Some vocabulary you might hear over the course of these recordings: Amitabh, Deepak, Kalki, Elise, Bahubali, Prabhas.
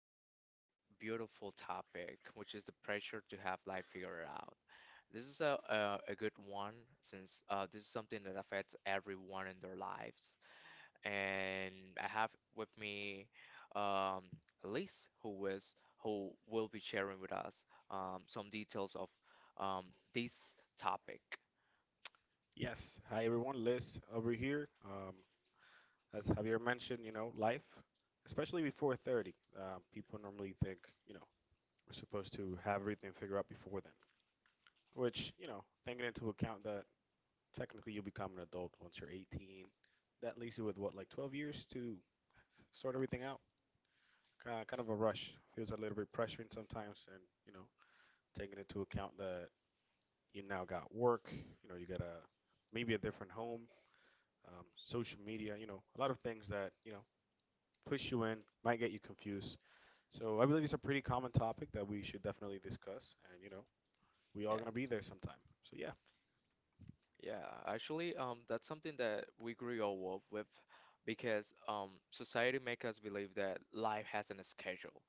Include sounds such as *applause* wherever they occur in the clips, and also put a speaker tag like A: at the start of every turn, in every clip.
A: Today, we have a beautiful topic, which is the pressure to have life figured out. This is a good one since this is something that affects everyone in their lives. And I have with me um, Elise, who is who will be sharing with us some details of um, this topic.
B: Yes. Hi, everyone. Liz over here. As Javier mentioned, you know, life, especially before 30, people normally think, you know, we're supposed to have everything figured out before then, which, you know, taking into account that technically you become an adult once you're 18, that leaves you with what, like 12 years to sort everything out? Kind of a rush. Feels a little bit pressuring sometimes, and, you know, taking into account that you now got work, you know, you got a maybe a different home, social media, you know, a lot of things that, you know, push you in, might get you confused. So I believe it's a pretty common topic that we should definitely discuss. And, you know, we all going to be
A: Yes.
B: there sometime. So yeah,
A: Yeah, actually, that's something that we grew up with because society make us believe that life has a schedule.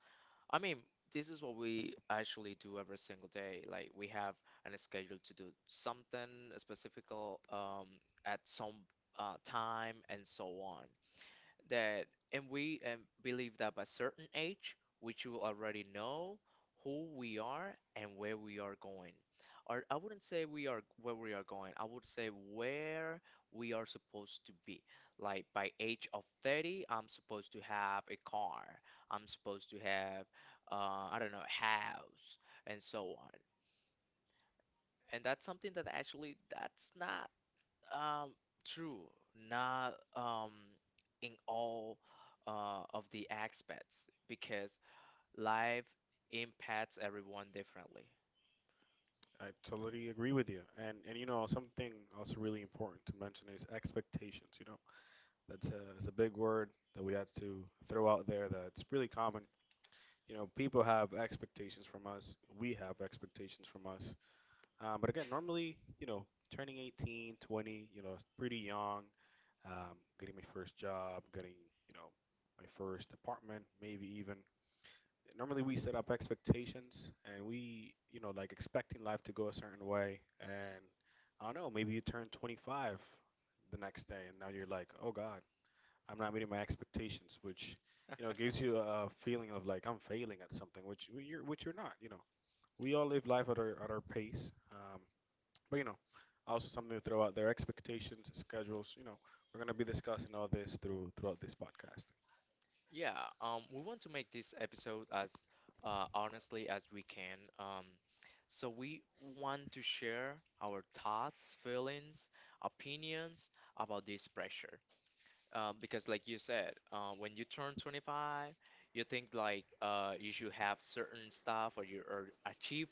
A: I mean, this is what we actually do every single day. Like we have a schedule to do something specific at some time and so on that and we believe that by certain age we should already know who we are and where we are going, or I wouldn't say we are where we are going, I would say where we are supposed to be. Like by age of 30, I'm supposed to have a car, I'm supposed to have I don't know, a house and so on. And that's something that actually that's not um, true. Not in all of the aspects, because life impacts everyone differently.
B: I totally agree with you. And you know, something also really important to mention is expectations. You know, that's a big word that we had to throw out there that's really common. You know, people have expectations from us. We have expectations from us. But again, normally, you know, turning 18, 20, you know, it's pretty young, getting my first job, getting, you know, my first apartment, maybe even. Normally, we set up expectations and we, you know, like expecting life to go a certain way. And I don't know, maybe you turn 25 the next day and now you're like, oh God, I'm not meeting my expectations, which, you know,
A: *laughs*
B: gives you a feeling of like I'm failing at something, which well, which you're not, you know. We all live life at our pace. But you know, also something to throw out there: expectations, schedules. You know, we're gonna be discussing all this throughout this podcast.
A: Yeah, we want to make this episode as honestly as we can. So we want to share our thoughts, feelings, opinions about this pressure. Because like you said, when you turn 25, you think like you should have certain stuff, or you or achieve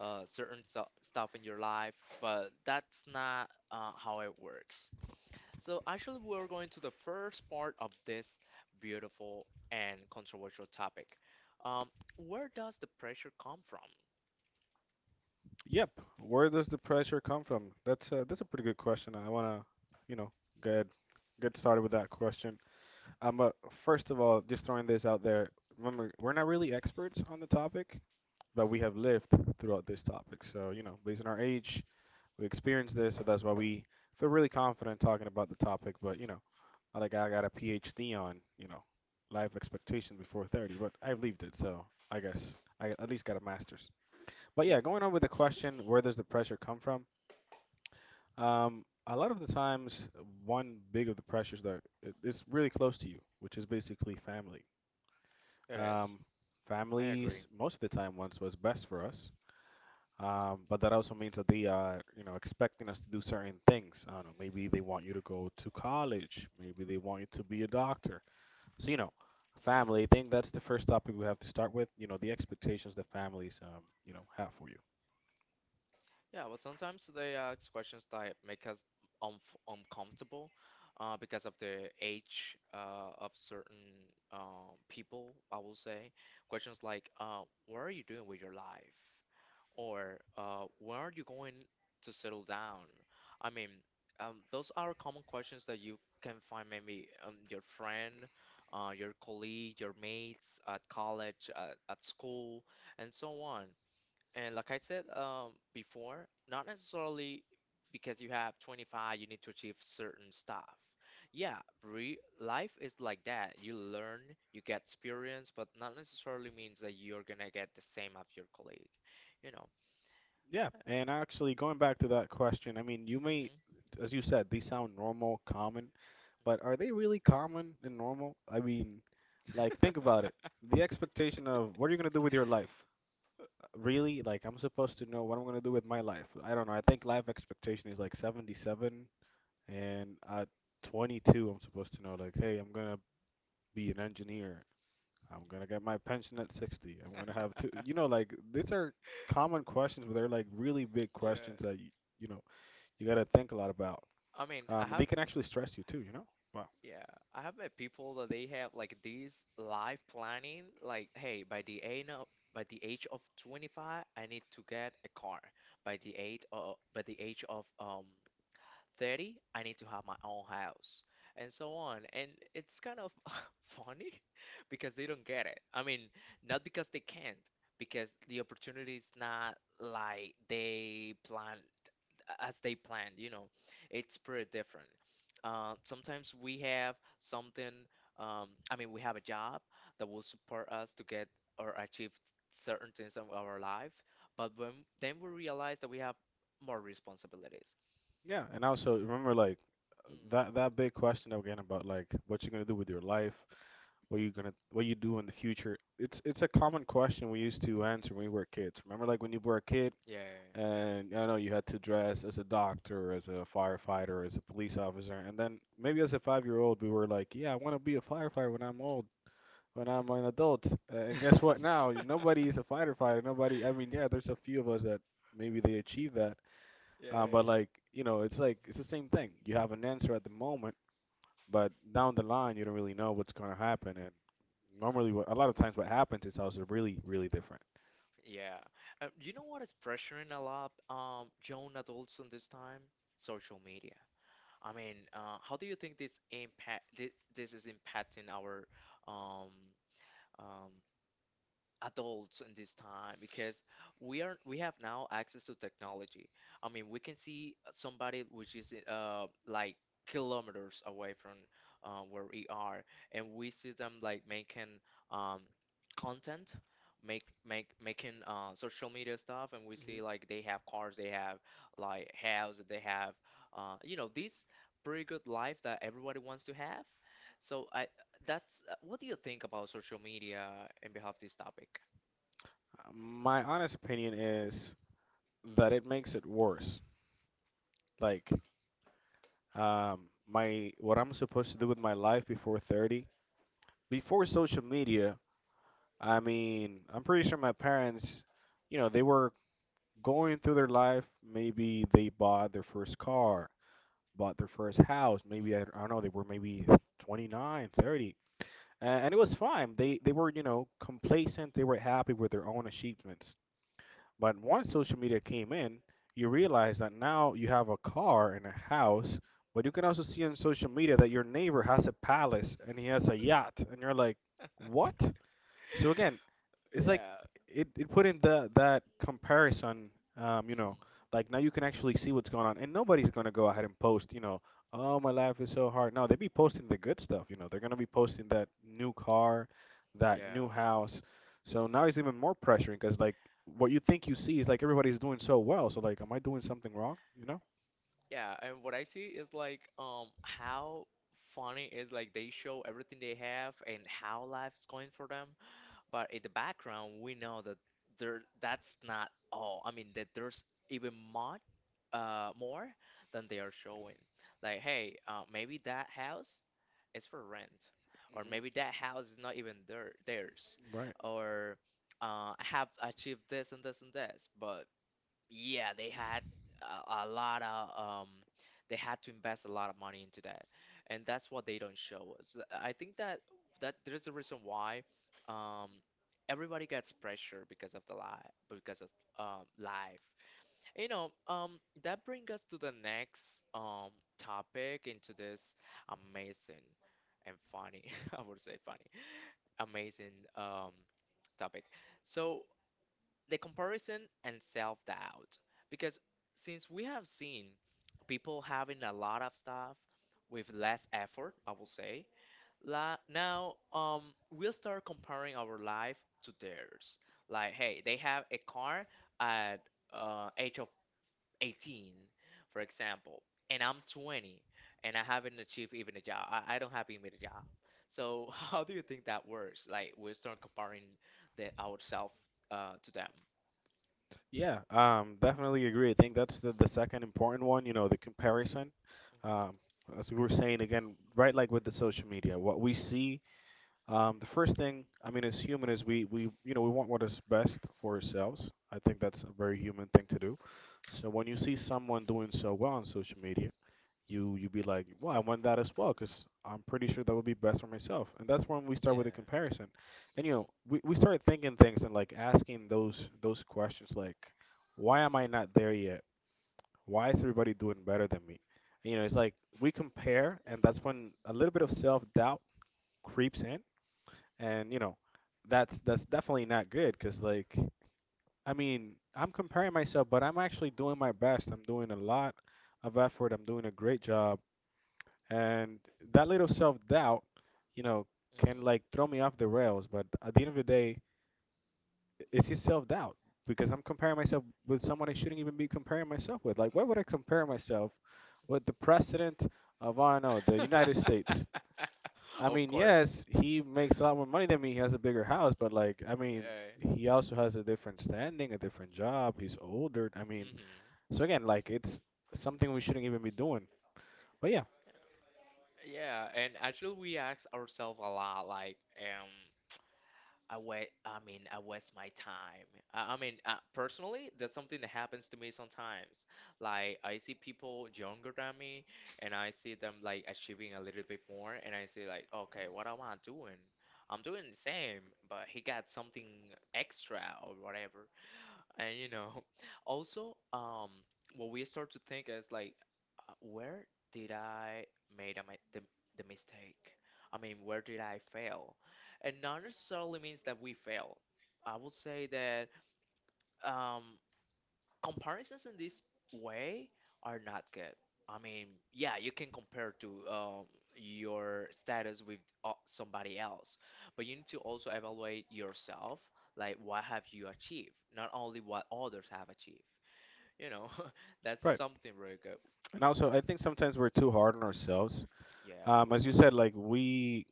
A: stuff in your life, but that's not how it works. So actually, we're going to the first part of this beautiful and controversial topic. Um, where does the pressure come from?
B: Yep. Where does the pressure come from? That's a pretty good question. I wanna, you know, get get started with that question. But first of all, just throwing this out there. Remember, we're not really experts on the topic, but we have lived throughout this topic. So you know, based on our age, we experienced this, so that's why we feel really confident talking about the topic. But you know I like I got a PhD on you know life expectation before 30, but I lived it, so I guess I at least got a master's. But
A: Yeah,
B: yeah, going on with the question, where does the pressure come from? A lot of the times, one big of the pressures that it's really close to you, which is basically family.
A: it is.
B: Um,
A: I agree.
B: Families most of the time once was best for us. But that also means that they are, you know, expecting us to do certain things. I don't know. Maybe they want you to go to college. Maybe they want you to be a doctor. So, you know, family, I think that's the first topic we have to start with, you know, the expectations that families, you know, have for you.
A: Yeah, well, sometimes they ask questions that make us unf uncomfortable because of the age of certain people, I will say. Questions like, what are you doing with your life? Or where are you going to settle down? I mean, those are common questions that you can find maybe your friend, your colleague, your mates at college, at school, and so on. And like I said before, not necessarily because you have 25, you need to achieve certain stuff. Yeah, re life is like that. You learn, you get experience, but not necessarily means that you're gonna get the same of your colleague. You know.
B: Yeah, and actually going back to that question, I mean, you may, as you said, these sound normal, common, but are they really common and normal? I mean, like, think about it.
A: *laughs*
B: The expectation of what are you going to do with your life? Really? Like, I'm supposed to know what I'm going to do with my life. I don't know. I think life expectation is like 77, and at 22, I'm supposed to know, like, hey, I'm going to be an engineer. I'm gonna get my pension at 60. I'm gonna have to, you know, like these are common questions, but they're like really big
A: Yeah.
B: questions that you know, you gotta think a lot about.
A: I mean, I
B: They
A: have
B: can actually stress you too, you know? Wow.
A: yeah, I have met people that they have like these life planning, like, hey, by the age of 25, I need to get a car. By the age of 30, I need to have my own house, and so on. And it's kind of *laughs* funny *laughs* because they don't get it. I mean, not because they can't, because the opportunity is not like they planned, you know, it's pretty different. Sometimes we have something, I mean, we have a job that will support us to get or achieve certain things in our life, but when then we realize that we have more responsibilities.
B: Yeah, and also remember like that
A: Mm.
B: big question again about like what you're gonna do with your life, what you gonna what you do in the future. It's a common question we used to answer when we were kids. Remember like when you were a kid,
A: Yeah, yeah, yeah.
B: and I know you had to dress as a doctor, as a firefighter, as a police officer, and then maybe as a five-year-old, we were like, "Yeah, I want to be a firefighter when I'm old, when I'm an adult." And guess what? Now
A: Yeah. *laughs*
B: nobody is a firefighter. Nobody. I mean, yeah, there's a few of us that maybe they achieve that, but
A: yeah,
B: like you know, it's like it's the same thing. You have an answer at the moment, but down the line, you don't really know what's gonna happen. And normally, what, a lot of times, what happens is also really, really different.
A: yeah. You know what is pressuring a lot, young adults in this time? Social media. I mean, how do you think this impact this is impacting our um um adults in this time, because we have now access to technology. I mean, we can see somebody which is like kilometers away from where we are, and we see them like making um content, make make making social media stuff, and we see like they have cars, they have like house, they have you know, this pretty good life that everybody wants to have. So I that's what do you think about social media in behalf of this topic?
B: My honest opinion is
A: Mm.
B: that it makes it worse. Like, my what I'm supposed to do with my life before 30, before social media, I mean, I'm pretty sure my parents, you know, they were going through their life. Maybe they bought their first car, bought their first house. Maybe, I don't know, they were maybe 29, 30. And it was fine. They were you know complacent. They were happy with their own achievements. But once social media came in, you realize that now you have a car and a house, but you can also see on social media that your neighbor has a palace and he has a yacht, and you're like,
A: *laughs*
B: what? So again, it's like
A: Yeah.
B: it put in the that comparison, you
A: Hmm.
B: know, like now you can actually see what's going on and nobody's going to go ahead and post, you know, oh my life is so hard. No, they be posting the good stuff, you know, they're going to be posting that new car, that
A: Yeah.
B: new house. So now it's even more pressuring because like what you think you see is like everybody's doing so well. So like am I doing something wrong, you know?
A: Yeah, and what I see is like how funny is like they show everything they have and how life's going for them, but in the background we know that there that's not all. I mean that there's even more than they are showing. Like, hey, maybe that house is for rent, or maybe that house is not even theirs,
B: Hmm.
A: or I have achieved this and this and this. But yeah, they had a lot of they had to invest a lot of money into that, and that's what they don't show us. I think that there's a reason why um, everybody gets pressure because of the life, because of life you know. Um, that brings us to the next topic into this amazing and funny, *laughs* I would say funny, amazing topic. So the comparison and self-doubt, because since we have seen people having a lot of stuff with less effort, I will say, la now we'll start comparing our life to theirs. Like, hey, they have a car at age 18, for example, and I'm 20 and I haven't achieved even a job. I don't have even a job. So *laughs* how do you think that works? Like we start comparing the ourselves to them.
B: Yeah, definitely agree. I think that's the second important one, you know, the comparison. Um,
A: Mhm.
B: as we were saying again, right, like with the social media, what we see, the first thing, I mean, as human is you know, we want what is best for ourselves. I think that's a very human thing to do. So when you see someone doing so well on social media, you be like, well, I want that as well because I'm pretty sure that would be best for myself. And that's when we start with
A: Yeah.
B: a comparison, and you know we start thinking things and like asking those questions like, why am I not there yet? Why is everybody doing better than me? You know, it's like we compare, and that's when a little bit of self doubt creeps in, and you know that's definitely not good because like I mean I'm comparing myself, but I'm actually doing my best. I'm doing a lot of effort. I'm doing a great job. And that little self-doubt, you know, can
A: Mhm.
B: like throw me off the rails, but at the end of the day it's just self-doubt, because I'm comparing myself with someone I shouldn't even be comparing myself with. Like why would I compare myself with the president of, I don't know, the
A: Mhm.
B: United States?
A: *laughs*
B: I
A: Of
B: mean,
A: course.
B: yes, he makes a lot more money than me, he has a bigger house, but like I mean
A: Yeah.
B: he also has a different standing, a different job, he's older, I mean,
A: Mhm.
B: so again like it's something we shouldn't even be doing, but yeah.
A: Yeah, and actually we ask ourselves a lot, like, I mean, I waste my time. I mean, personally, that's something that happens to me sometimes. Like, I see people younger than me, and I see them like achieving a little bit more, and I say like, okay, what am I doing? I'm doing the same, but he got something extra or whatever. And you know, *laughs* also, what we start to think is like, where did I made the mistake? I mean, where did I fail? And not necessarily means that we fail. I would say that um, comparisons in this way are not good. I mean, yeah, you can compare to your status with somebody else, but you need to also evaluate yourself, like what have you achieved, not only what others have achieved, you know. *laughs* That's
B: Right.
A: something really good.
B: And also, I think sometimes we're too hard on ourselves.
A: Yeah, we
B: As you
A: are.
B: said, like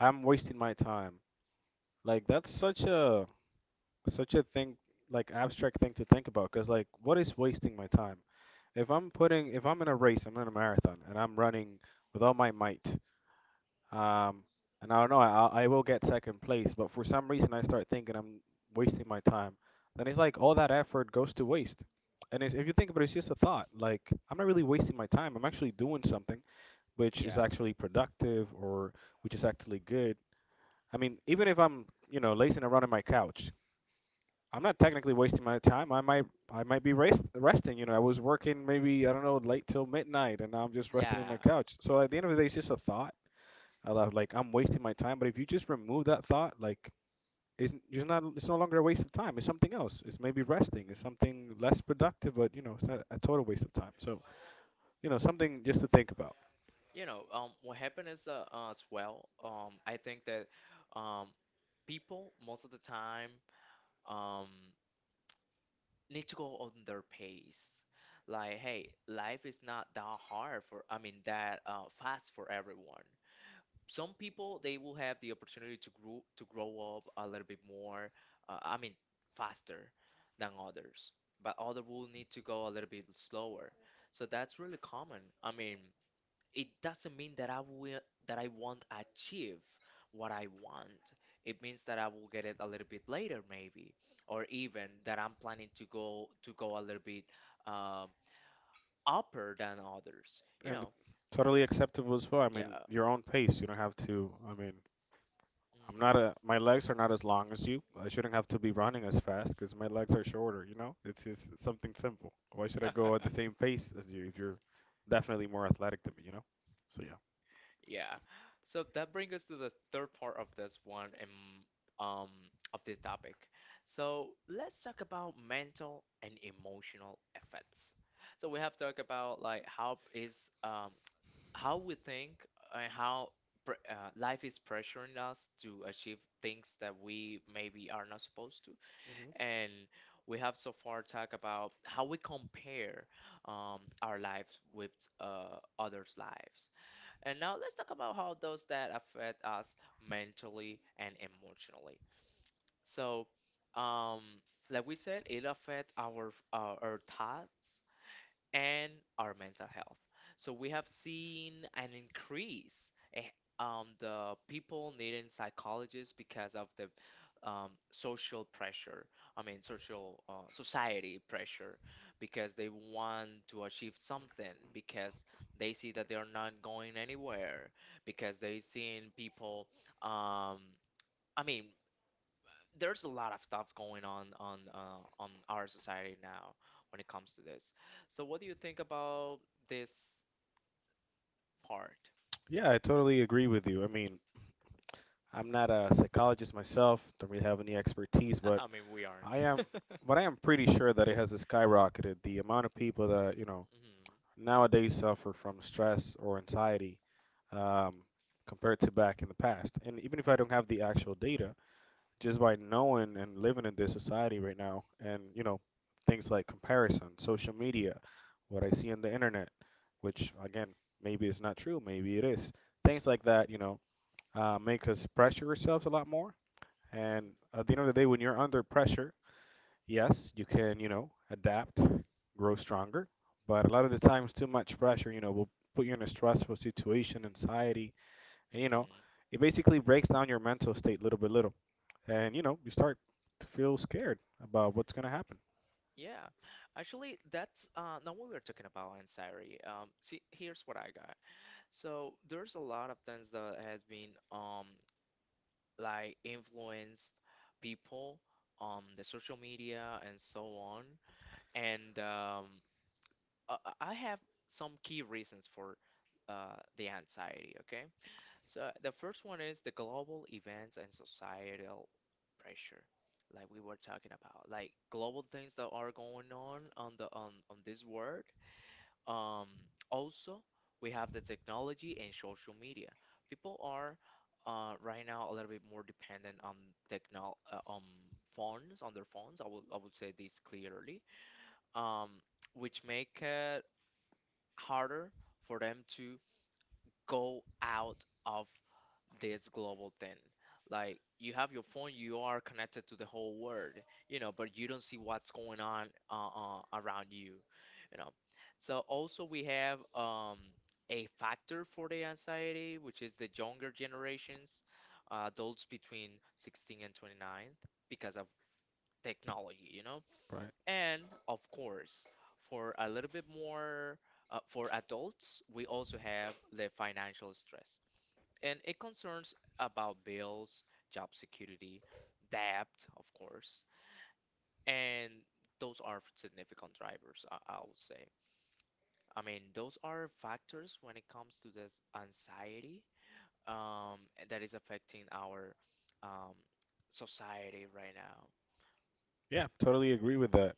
B: I'm wasting my time. Like that's such a thing, like abstract thing to think about. Cause like, what is wasting my time? If I'm in a race, I'm in a marathon, and I'm running with all my might. Um, and I don't know, I will get second place, but for some reason I start thinking I'm wasting my time. Then it's like all that effort goes to waste. And it's, if you think about it, it's just a thought. Like I'm not really wasting my time. I'm actually doing something, which is
A: Yeah.
B: actually productive, or which is actually good. I mean, even if I'm, you know, lazing around on my couch, I'm not technically wasting my time. I might be resting, you know. I was working maybe, I don't know, late till midnight and now I'm just resting in
A: Yeah.
B: my couch. So at the end of the day, it's just a thought. I love like I'm wasting my time, but if you just remove that thought, like it's n- just not it's no longer a waste of time. It's something else. It's maybe resting. It's something less productive, but you know, it's not a total waste of time. So, you know, something just to think about.
A: You know, what happened is as well. I think that um, people most of the time um need to go on their pace. Like, hey, life is not that hard for, I mean, that fast for everyone. Some people they will have the opportunity to grow up a little bit more I mean faster than others, but other will need to go a little bit slower. So that's really common. I mean, it doesn't mean that I will that I won't achieve what I want. It means that I will get it a little bit later, maybe, or even that I'm planning to go a little bit um upper than others, you
B: And
A: know.
B: totally acceptable as well. I mean,
A: Yeah.
B: your own pace. You don't have to. I mean, I'm
A: Mm.
B: not a. My legs are not as long as you. I shouldn't have to be running as fast because my legs are shorter. You know, it's just something simple. Why should I go at the
A: *laughs*
B: same pace as you if you're definitely more athletic than me? You know. So yeah.
A: Yeah. So that brings us to the third part of this one and um of this topic. So let's talk about mental and emotional effects. So we have talked about like how is how we think, and how life is pressuring us to achieve things that we maybe are not supposed to.
B: Hmm.
A: And we have so far talked about how we compare our lives with others' lives. And now let's talk about how those that affect us mentally and emotionally. So, um, like we said, it affects our thoughts and our mental health. So we have seen an increase the people needing psychologists because of the social pressure. I mean, social society pressure, because they want to achieve something, because they see that they are not going anywhere, because they seen people. Um, I mean, there's a lot of stuff going on on our society now when it comes to this. So what do you think about this part?
B: Yeah, I totally agree with you. I mean, I'm not a psychologist myself. Don't really have any expertise,
A: *laughs*
B: but
A: I mean, we aren't.
B: I
A: *laughs*
B: am. But I am pretty sure that it has skyrocketed the amount of people that
A: Hmm.
B: nowadays suffer from stress or anxiety, um, compared to back in the past. And even if I don't have the actual data, just by knowing and living in this society right now, and things like comparison, social media, what I see on the internet, which again, maybe it's not true, maybe it is, things like that, make us pressure ourselves a lot more.
A: Hmm.
B: And at the end of the day, when you're under pressure, yes, you can, you know, adapt, grow stronger, but a lot of the times too much pressure, you know, will put you in a stressful situation, anxiety, and you know,
A: Hmm.
B: it basically breaks down your mental state little by little. And you know, you start to feel scared about what's going to happen.
A: Yeah, actually, that's not what we were talking about, anxiety. See, here's what I got. So there's a lot of things that has been like influenced people, the social media and so on, and I have some key reasons for the anxiety, okay? So the first one is the global events and societal pressure, like we were talking about, like global things that are going on on this world. Um, also, we have the technology and social media. People are right now a little bit more dependent on technol on phones, on their phones. I would say this clearly. Um, which make harder for them to go out of this global thing. Like you have your phone, you are connected to the whole world, but you don't see what's going on around you, you know. So also we have a factor for the anxiety, which is the younger generations, adults between 16 and 29, because of technology.
B: Right.
A: And of course, for a little bit more for adults, we also have the financial stress. And it concerns about bills, job security, debt, of course. And those are significant drivers, I would say. I mean, those are factors when it comes to this anxiety um, that is affecting our um, society right now.
B: Yeah, totally agree with that.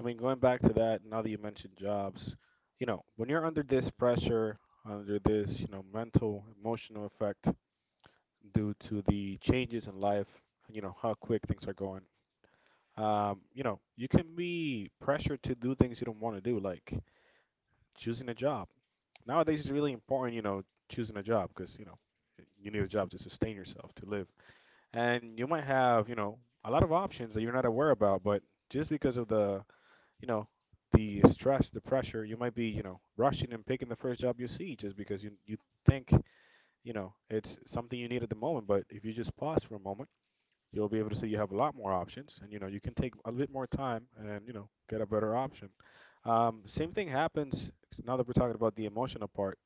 B: I mean, going back to that, now that you mentioned jobs, you know, when you're under this pressure, under this, you know, mental, emotional effect due to the changes in life, you know, how quick things are going. You know, you can be pressured to do things you don't want to do, like choosing a job. Nowadays, it's really important, you know, choosing a job because, you know, you need a job to sustain yourself, to live. And you might have, you know, a lot of options that you're not aware about, but just because of the, you know, the stress, the pressure, you might be, you know, rushing and picking the first job you see just because you think, you know, it's something you need at the moment. But if you just pause for a moment, you'll be able to see you have a lot more options, and you know, you can take a bit more time and you know, get a better option. Same thing happens now that we're talking about the emotional part.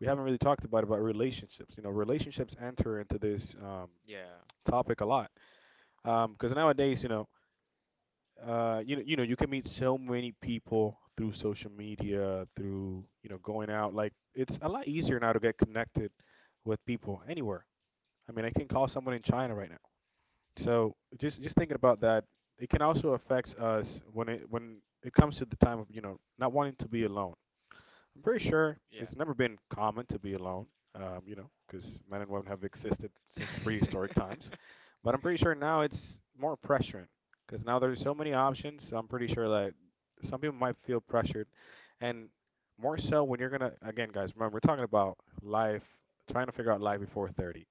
B: We haven't really talked about relationships. You know, relationships enter into this,
A: Yeah.
B: topic a lot, because nowadays, you know, you know, you can meet so many people through social media, through you know, going out. Like it's a lot easier now to get connected with people anywhere. I mean, I can call someone in China right now. So just thinking about that, it can also affect us when it comes to the time of, you know, not wanting to be alone. I'm pretty sure
A: Yeah.
B: it's never been common to be alone, you know, because men and women have existed since prehistoric times.
A: *laughs*
B: But I'm pretty sure now it's more pressuring, because now there's so many options. So I'm pretty sure that some people might feel pressured, and more so when you're gonna again, guys. Remember, we're talking about life, trying to figure out life before 30.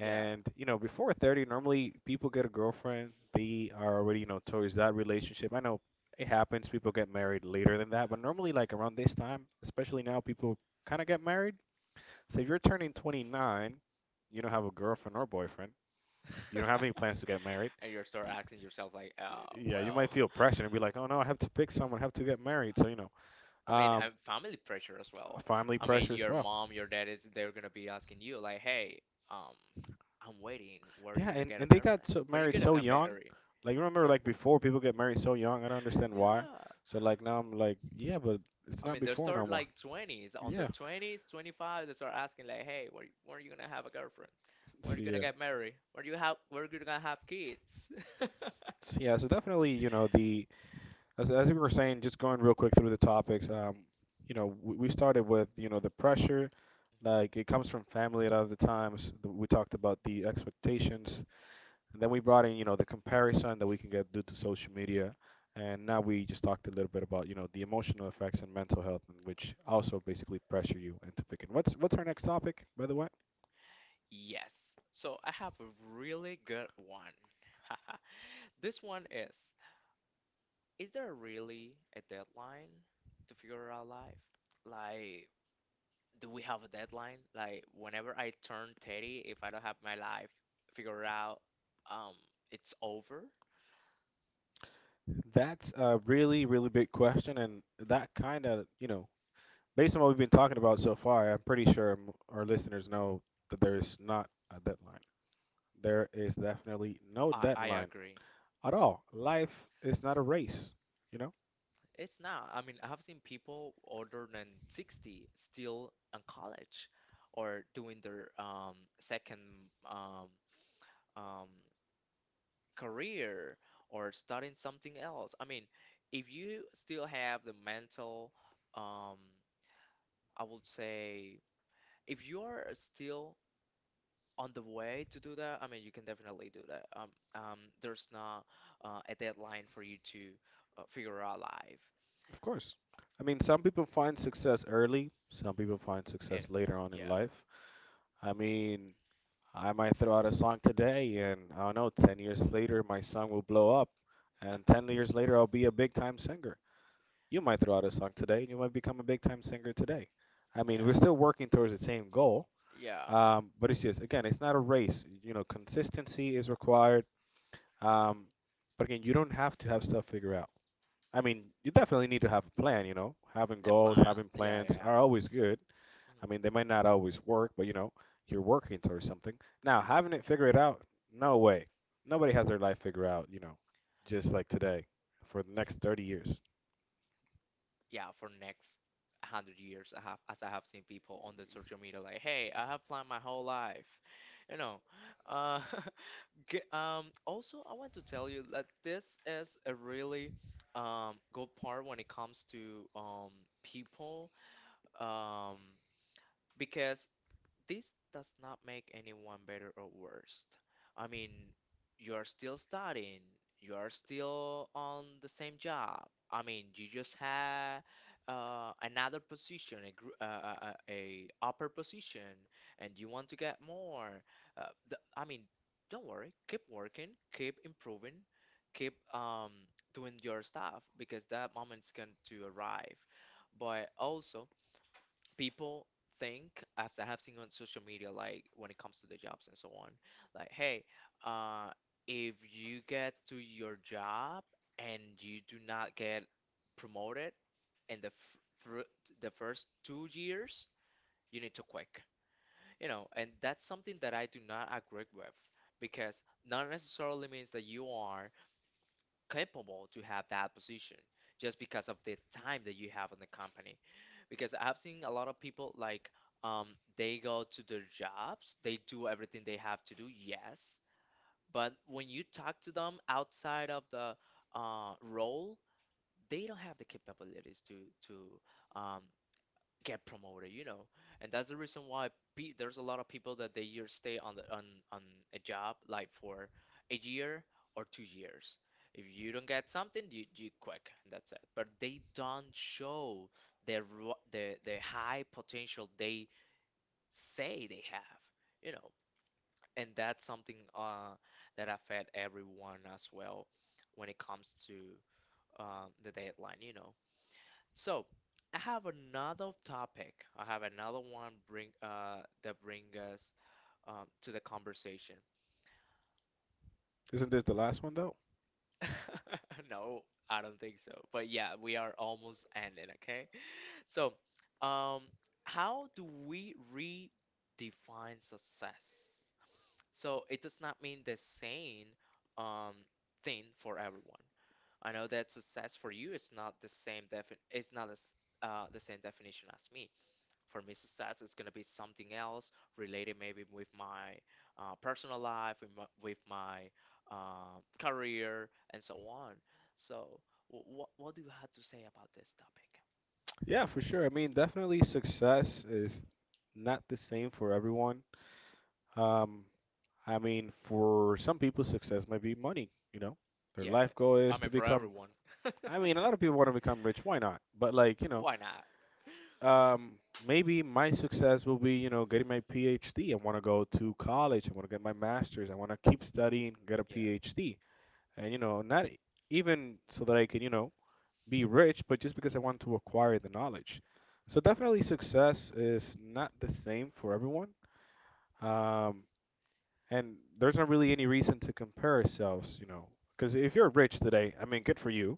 A: Yeah.
B: you know, before 30, normally people get a girlfriend, they are already, you know, towards that relationship. I know it happens, people get married later than that, but normally like around this time, especially now, people kind of get married. So if you're turning 29, you don't have a girlfriend or boyfriend, you don't have any plans to
A: *laughs*
B: get married.
A: And you start
B: y-
A: asking yourself like,
B: Yeah, you
A: well,
B: might feel pressure and be like, "Oh no, I have to pick someone, I have to get married." So, you know,
A: I mean.
B: um,
A: And family pressure as well.
B: family
A: I mean,
B: pressure as
A: your
B: well.
A: mom, your dad is, they're gonna be asking you like, "Hey, um I'm waiting, where are
B: Yeah,
A: you gonna
B: and,
A: get a
B: and they got
A: girlfriend,
B: so,
A: when you
B: married
A: gonna
B: so
A: get
B: young.
A: married?"
B: Like you remember, like before, people get married so young. I don't understand why.
A: Yeah.
B: So like now I'm like, yeah, but it's
A: I
B: not
A: mean, they
B: before no
A: start
B: more.
A: like 20s, under
B: Yeah.
A: 20s, 25, they start asking like, "Hey, where are you gonna have a girlfriend? Where are
B: So
A: you gonna
B: yeah.
A: get married? Where you gonna have kids?" *laughs*
B: So yeah. So definitely, you know, the as we were saying, just going real quick through the topics. You know, we started with you know, the pressure. Like it comes from family a lot of the times. We talked about the expectations. And then we brought in, you know, the comparison that we can get due to social media. And now we just talked a little bit about, you know, the emotional effects and mental health, and which also basically pressure you into picking. What's our next topic, by the way?
A: Yes. So I have a really good one. *laughs* This one is: is there really a deadline to figure out life? Like, do we have a deadline? Like, whenever I turn 30, if I don't have my life figured out, um, it's over?
B: That's a really, really big question, and that kind of, you know, based on what we've been talking about so far, I'm pretty sure our listeners know that there is not a deadline. There is definitely no
A: I
B: deadline
A: agree.
B: at all. Life is not a race. You know.
A: It's not. I mean, I've seen people older than 60 still in college or doing their second um, um, career or starting something else. I mean, if you still have the mental, um, I would say, if you're still on the way to do that, I mean, you can definitely do that. There's not a deadline for you to figure out life.
B: Of course. I mean, some people find success early, some people find success later on
A: In
B: in life. I mean, I might throw out a song today, and I don't know, 10 years later, my song will blow up, and
A: *laughs* I
B: 10 years later, I'll be a big time singer. You might throw out a song today, and you might become a big time singer today. I mean, we're still working
A: The same
B: towards the same
A: goal,
B: goal,
A: yeah.
B: but it's just, again, it's not a race. You know, consistency is required, um, but again, you don't have to have stuff figured. I mean, you definitely need to have a plan, you know. Having goals, having plans
A: Yeah.
B: are always good.
A: Mhm.
B: I mean, they might not always work, but you know, you're working towards something. Now, having it figured out, no way. Nobody has their life figured out, you know, just like today for the next 30 years.
A: Yeah, for next 100 years, I have as I have seen people on the social media like, hey, I have planned my whole life, you know, uh, *laughs* K. Also, I want to tell you that this is a really good part when it comes to people, um, because this does not make anyone better or worse. I mean, you are still studying, you are still on the same job. I mean, you just had another position, a upper position, and you want to get more. Uh, I mean, don't worry, keep working, keep improving, keep doing your stuff, because that moment's going to arrive. But also, people think, as I have seen on social media, like when it comes to the jobs and so on, like, hey, uh, if you get to your job and you do not get promoted in the f through the first 2 years, you need to quit. You know, and that's something that I do not agree with, because not necessarily means that you are capable to have that position just because of the time that you have in the company. Because I've seen a lot of people like um they go to their jobs, they do everything they have to do, yes, but when you talk to them outside of the role, they don't have the capabilities to um get promoted. And that's the reason why pe there's a lot of people that they year stay on the on a job like for a year or 2 years. If you don't get something, you quit. And that's it. But they don't show the high potential they say they have, you know. And that's something that affect everyone as well when it comes to the deadline. So I have another topic. I have another one bring that bring us to the conversation.
B: Isn't this the last one though?
A: *laughs* No, I don't think so. But yeah, we are almost ending, okay? So, um, how do we redefine success? So it does not mean the same um thing for everyone. I know that success for you is not the same defin it's not as the same definition as me. For me, success is going to be something else related maybe with my personal life, with my career, and so on. So, what do you have to say about this topic?
B: Yeah, for sure. I mean, definitely success is not the same for everyone. Um, I mean, for some people, success might be money, you know. Their
A: Yeah,
B: life goal
A: I
B: is to
A: mean for
B: become.
A: everyone.
B: I mean, a lot of
A: *laughs*
B: people want to become rich. Why not? But like, you know,
A: Why not?
B: um, maybe my success will be, you know, getting my PhD. I want to go to college. I want to get my master's. I want to keep studying, get a PhD, and you know, not even so that I can, you know, be rich, but just because I want to acquire the knowledge. So definitely, success is not the same for everyone. Um, and there's not really any reason to compare ourselves, you know, because if you're rich today, I mean, good for you,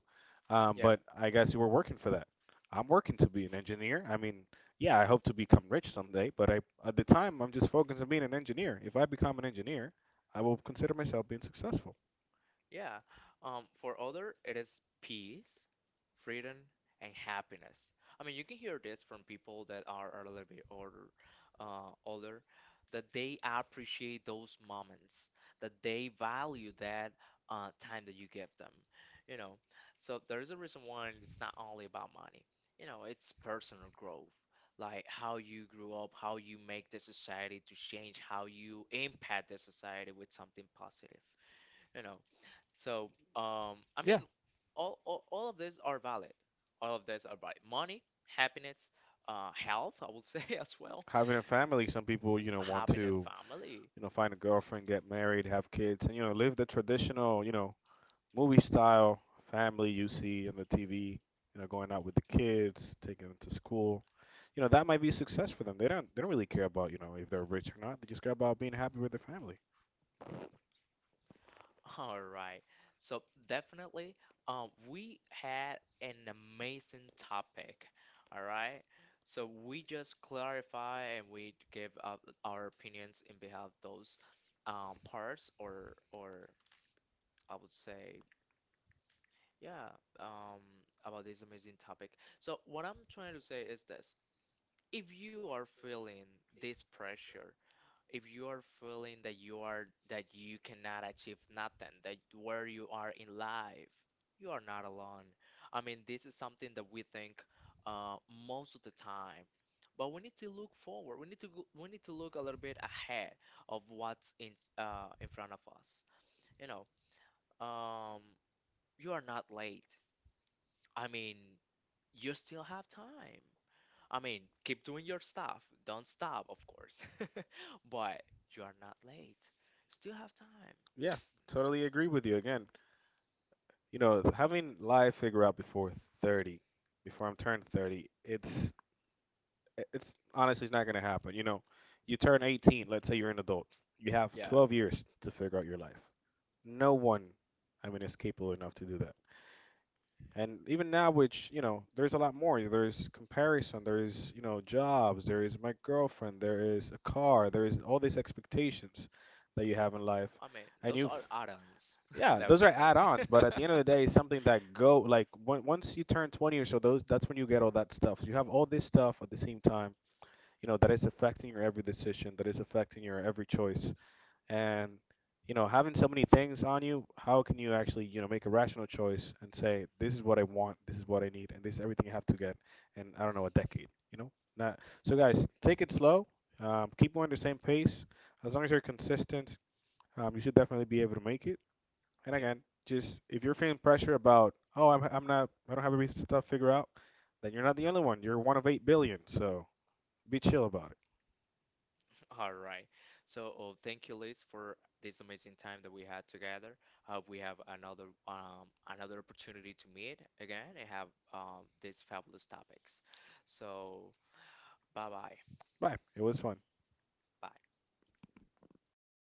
A: Yeah.
B: but I guess you were working for that. I'm working to be an engineer. I mean, yeah, I hope to become rich someday, but I at the time I'm just focused on being an engineer. If I become an engineer, I will consider myself being successful.
A: Yeah. For other, it is peace, freedom, and happiness. I mean, you can hear this from people that are a little bit older, that they appreciate those moments, that they value that time that you give them. You know, so there is a reason why it's not only about money. You know, it's personal growth, like how you grew up, how you make the society to change, how you impact the society with something positive. You know, so, I
B: Yeah,
A: mean, all of these are valid. All of these are valid. Money, happiness, health, I would say *laughs* as well.
B: having a family, some people, you know, want
A: Having a
B: to,
A: family.
B: you know, find a girlfriend, get married, have kids, and you know, live the traditional, you know, movie style family you see in the TV, you know, going out with the kids, taking them to school. You know, that might be success for them. They don't really care about, you know, if they're rich or not. They just care about being happy with their family.
A: *laughs* All right. So definitely, we had an amazing topic. All right. So we just clarify and we give our opinions in behalf of those parts, or I would say, yeah, um, about this amazing topic. So, what I'm trying to say is this. If you are feeling this pressure, if you are feeling that you cannot achieve nothing, that where you are in life, you are not alone. I mean, this is something that we think uh, most of the time. But we need to look forward. We need to go, we need to look a little bit ahead of what's in front of us. You know, um, you are not late. I mean, you still have time. I mean, keep doing your stuff. Don't stop, of course. *laughs* But you are not late. Still have time.
B: Yeah, totally agree with you again. You know, having life figure out before 30, before I'm turned 30, it's honestly it's not going to happen. You know, you turn 18, let's say you're an adult. You have
A: Yeah.
B: 12 years to figure out your life. No one I mean is capable enough to do that. And even now, which, you know, there's a lot more. There's comparison, there is, you know, jobs, there is my girlfriend, there is a car, there is all these expectations that you have in life.
A: I mean,
B: And
A: those
B: you,
A: are add-ons, *laughs*
B: yeah, those are
A: definitely. *laughs*
B: add-ons, but at the end of the day, it's something that go like once you turn 20 or so, those that's when you get all that stuff. So you have all this stuff at the same time, you know, that is affecting your every decision, that is affecting your every choice, and you know, having so many things on you, how can you actually, you know, make a rational choice and say this is what I want, this is what I need, and this is everything I have to get in, I don't know, a decade. You know, not. So guys, take it slow. Keep going the same pace. As long as you're consistent, you should definitely be able to make it. And
A: Yeah.
B: again, just if you're feeling pressure about I'm not, I don't have every stuff figured out, then you're not the only one, you're one of 8 billion. So be chill about it.
A: All right. So, oh, thank you, Liz, for this amazing time that we had together. Hope we have another another opportunity to meet again and have these fabulous topics. So, bye-bye.
B: Bye, it was fun.
A: Bye.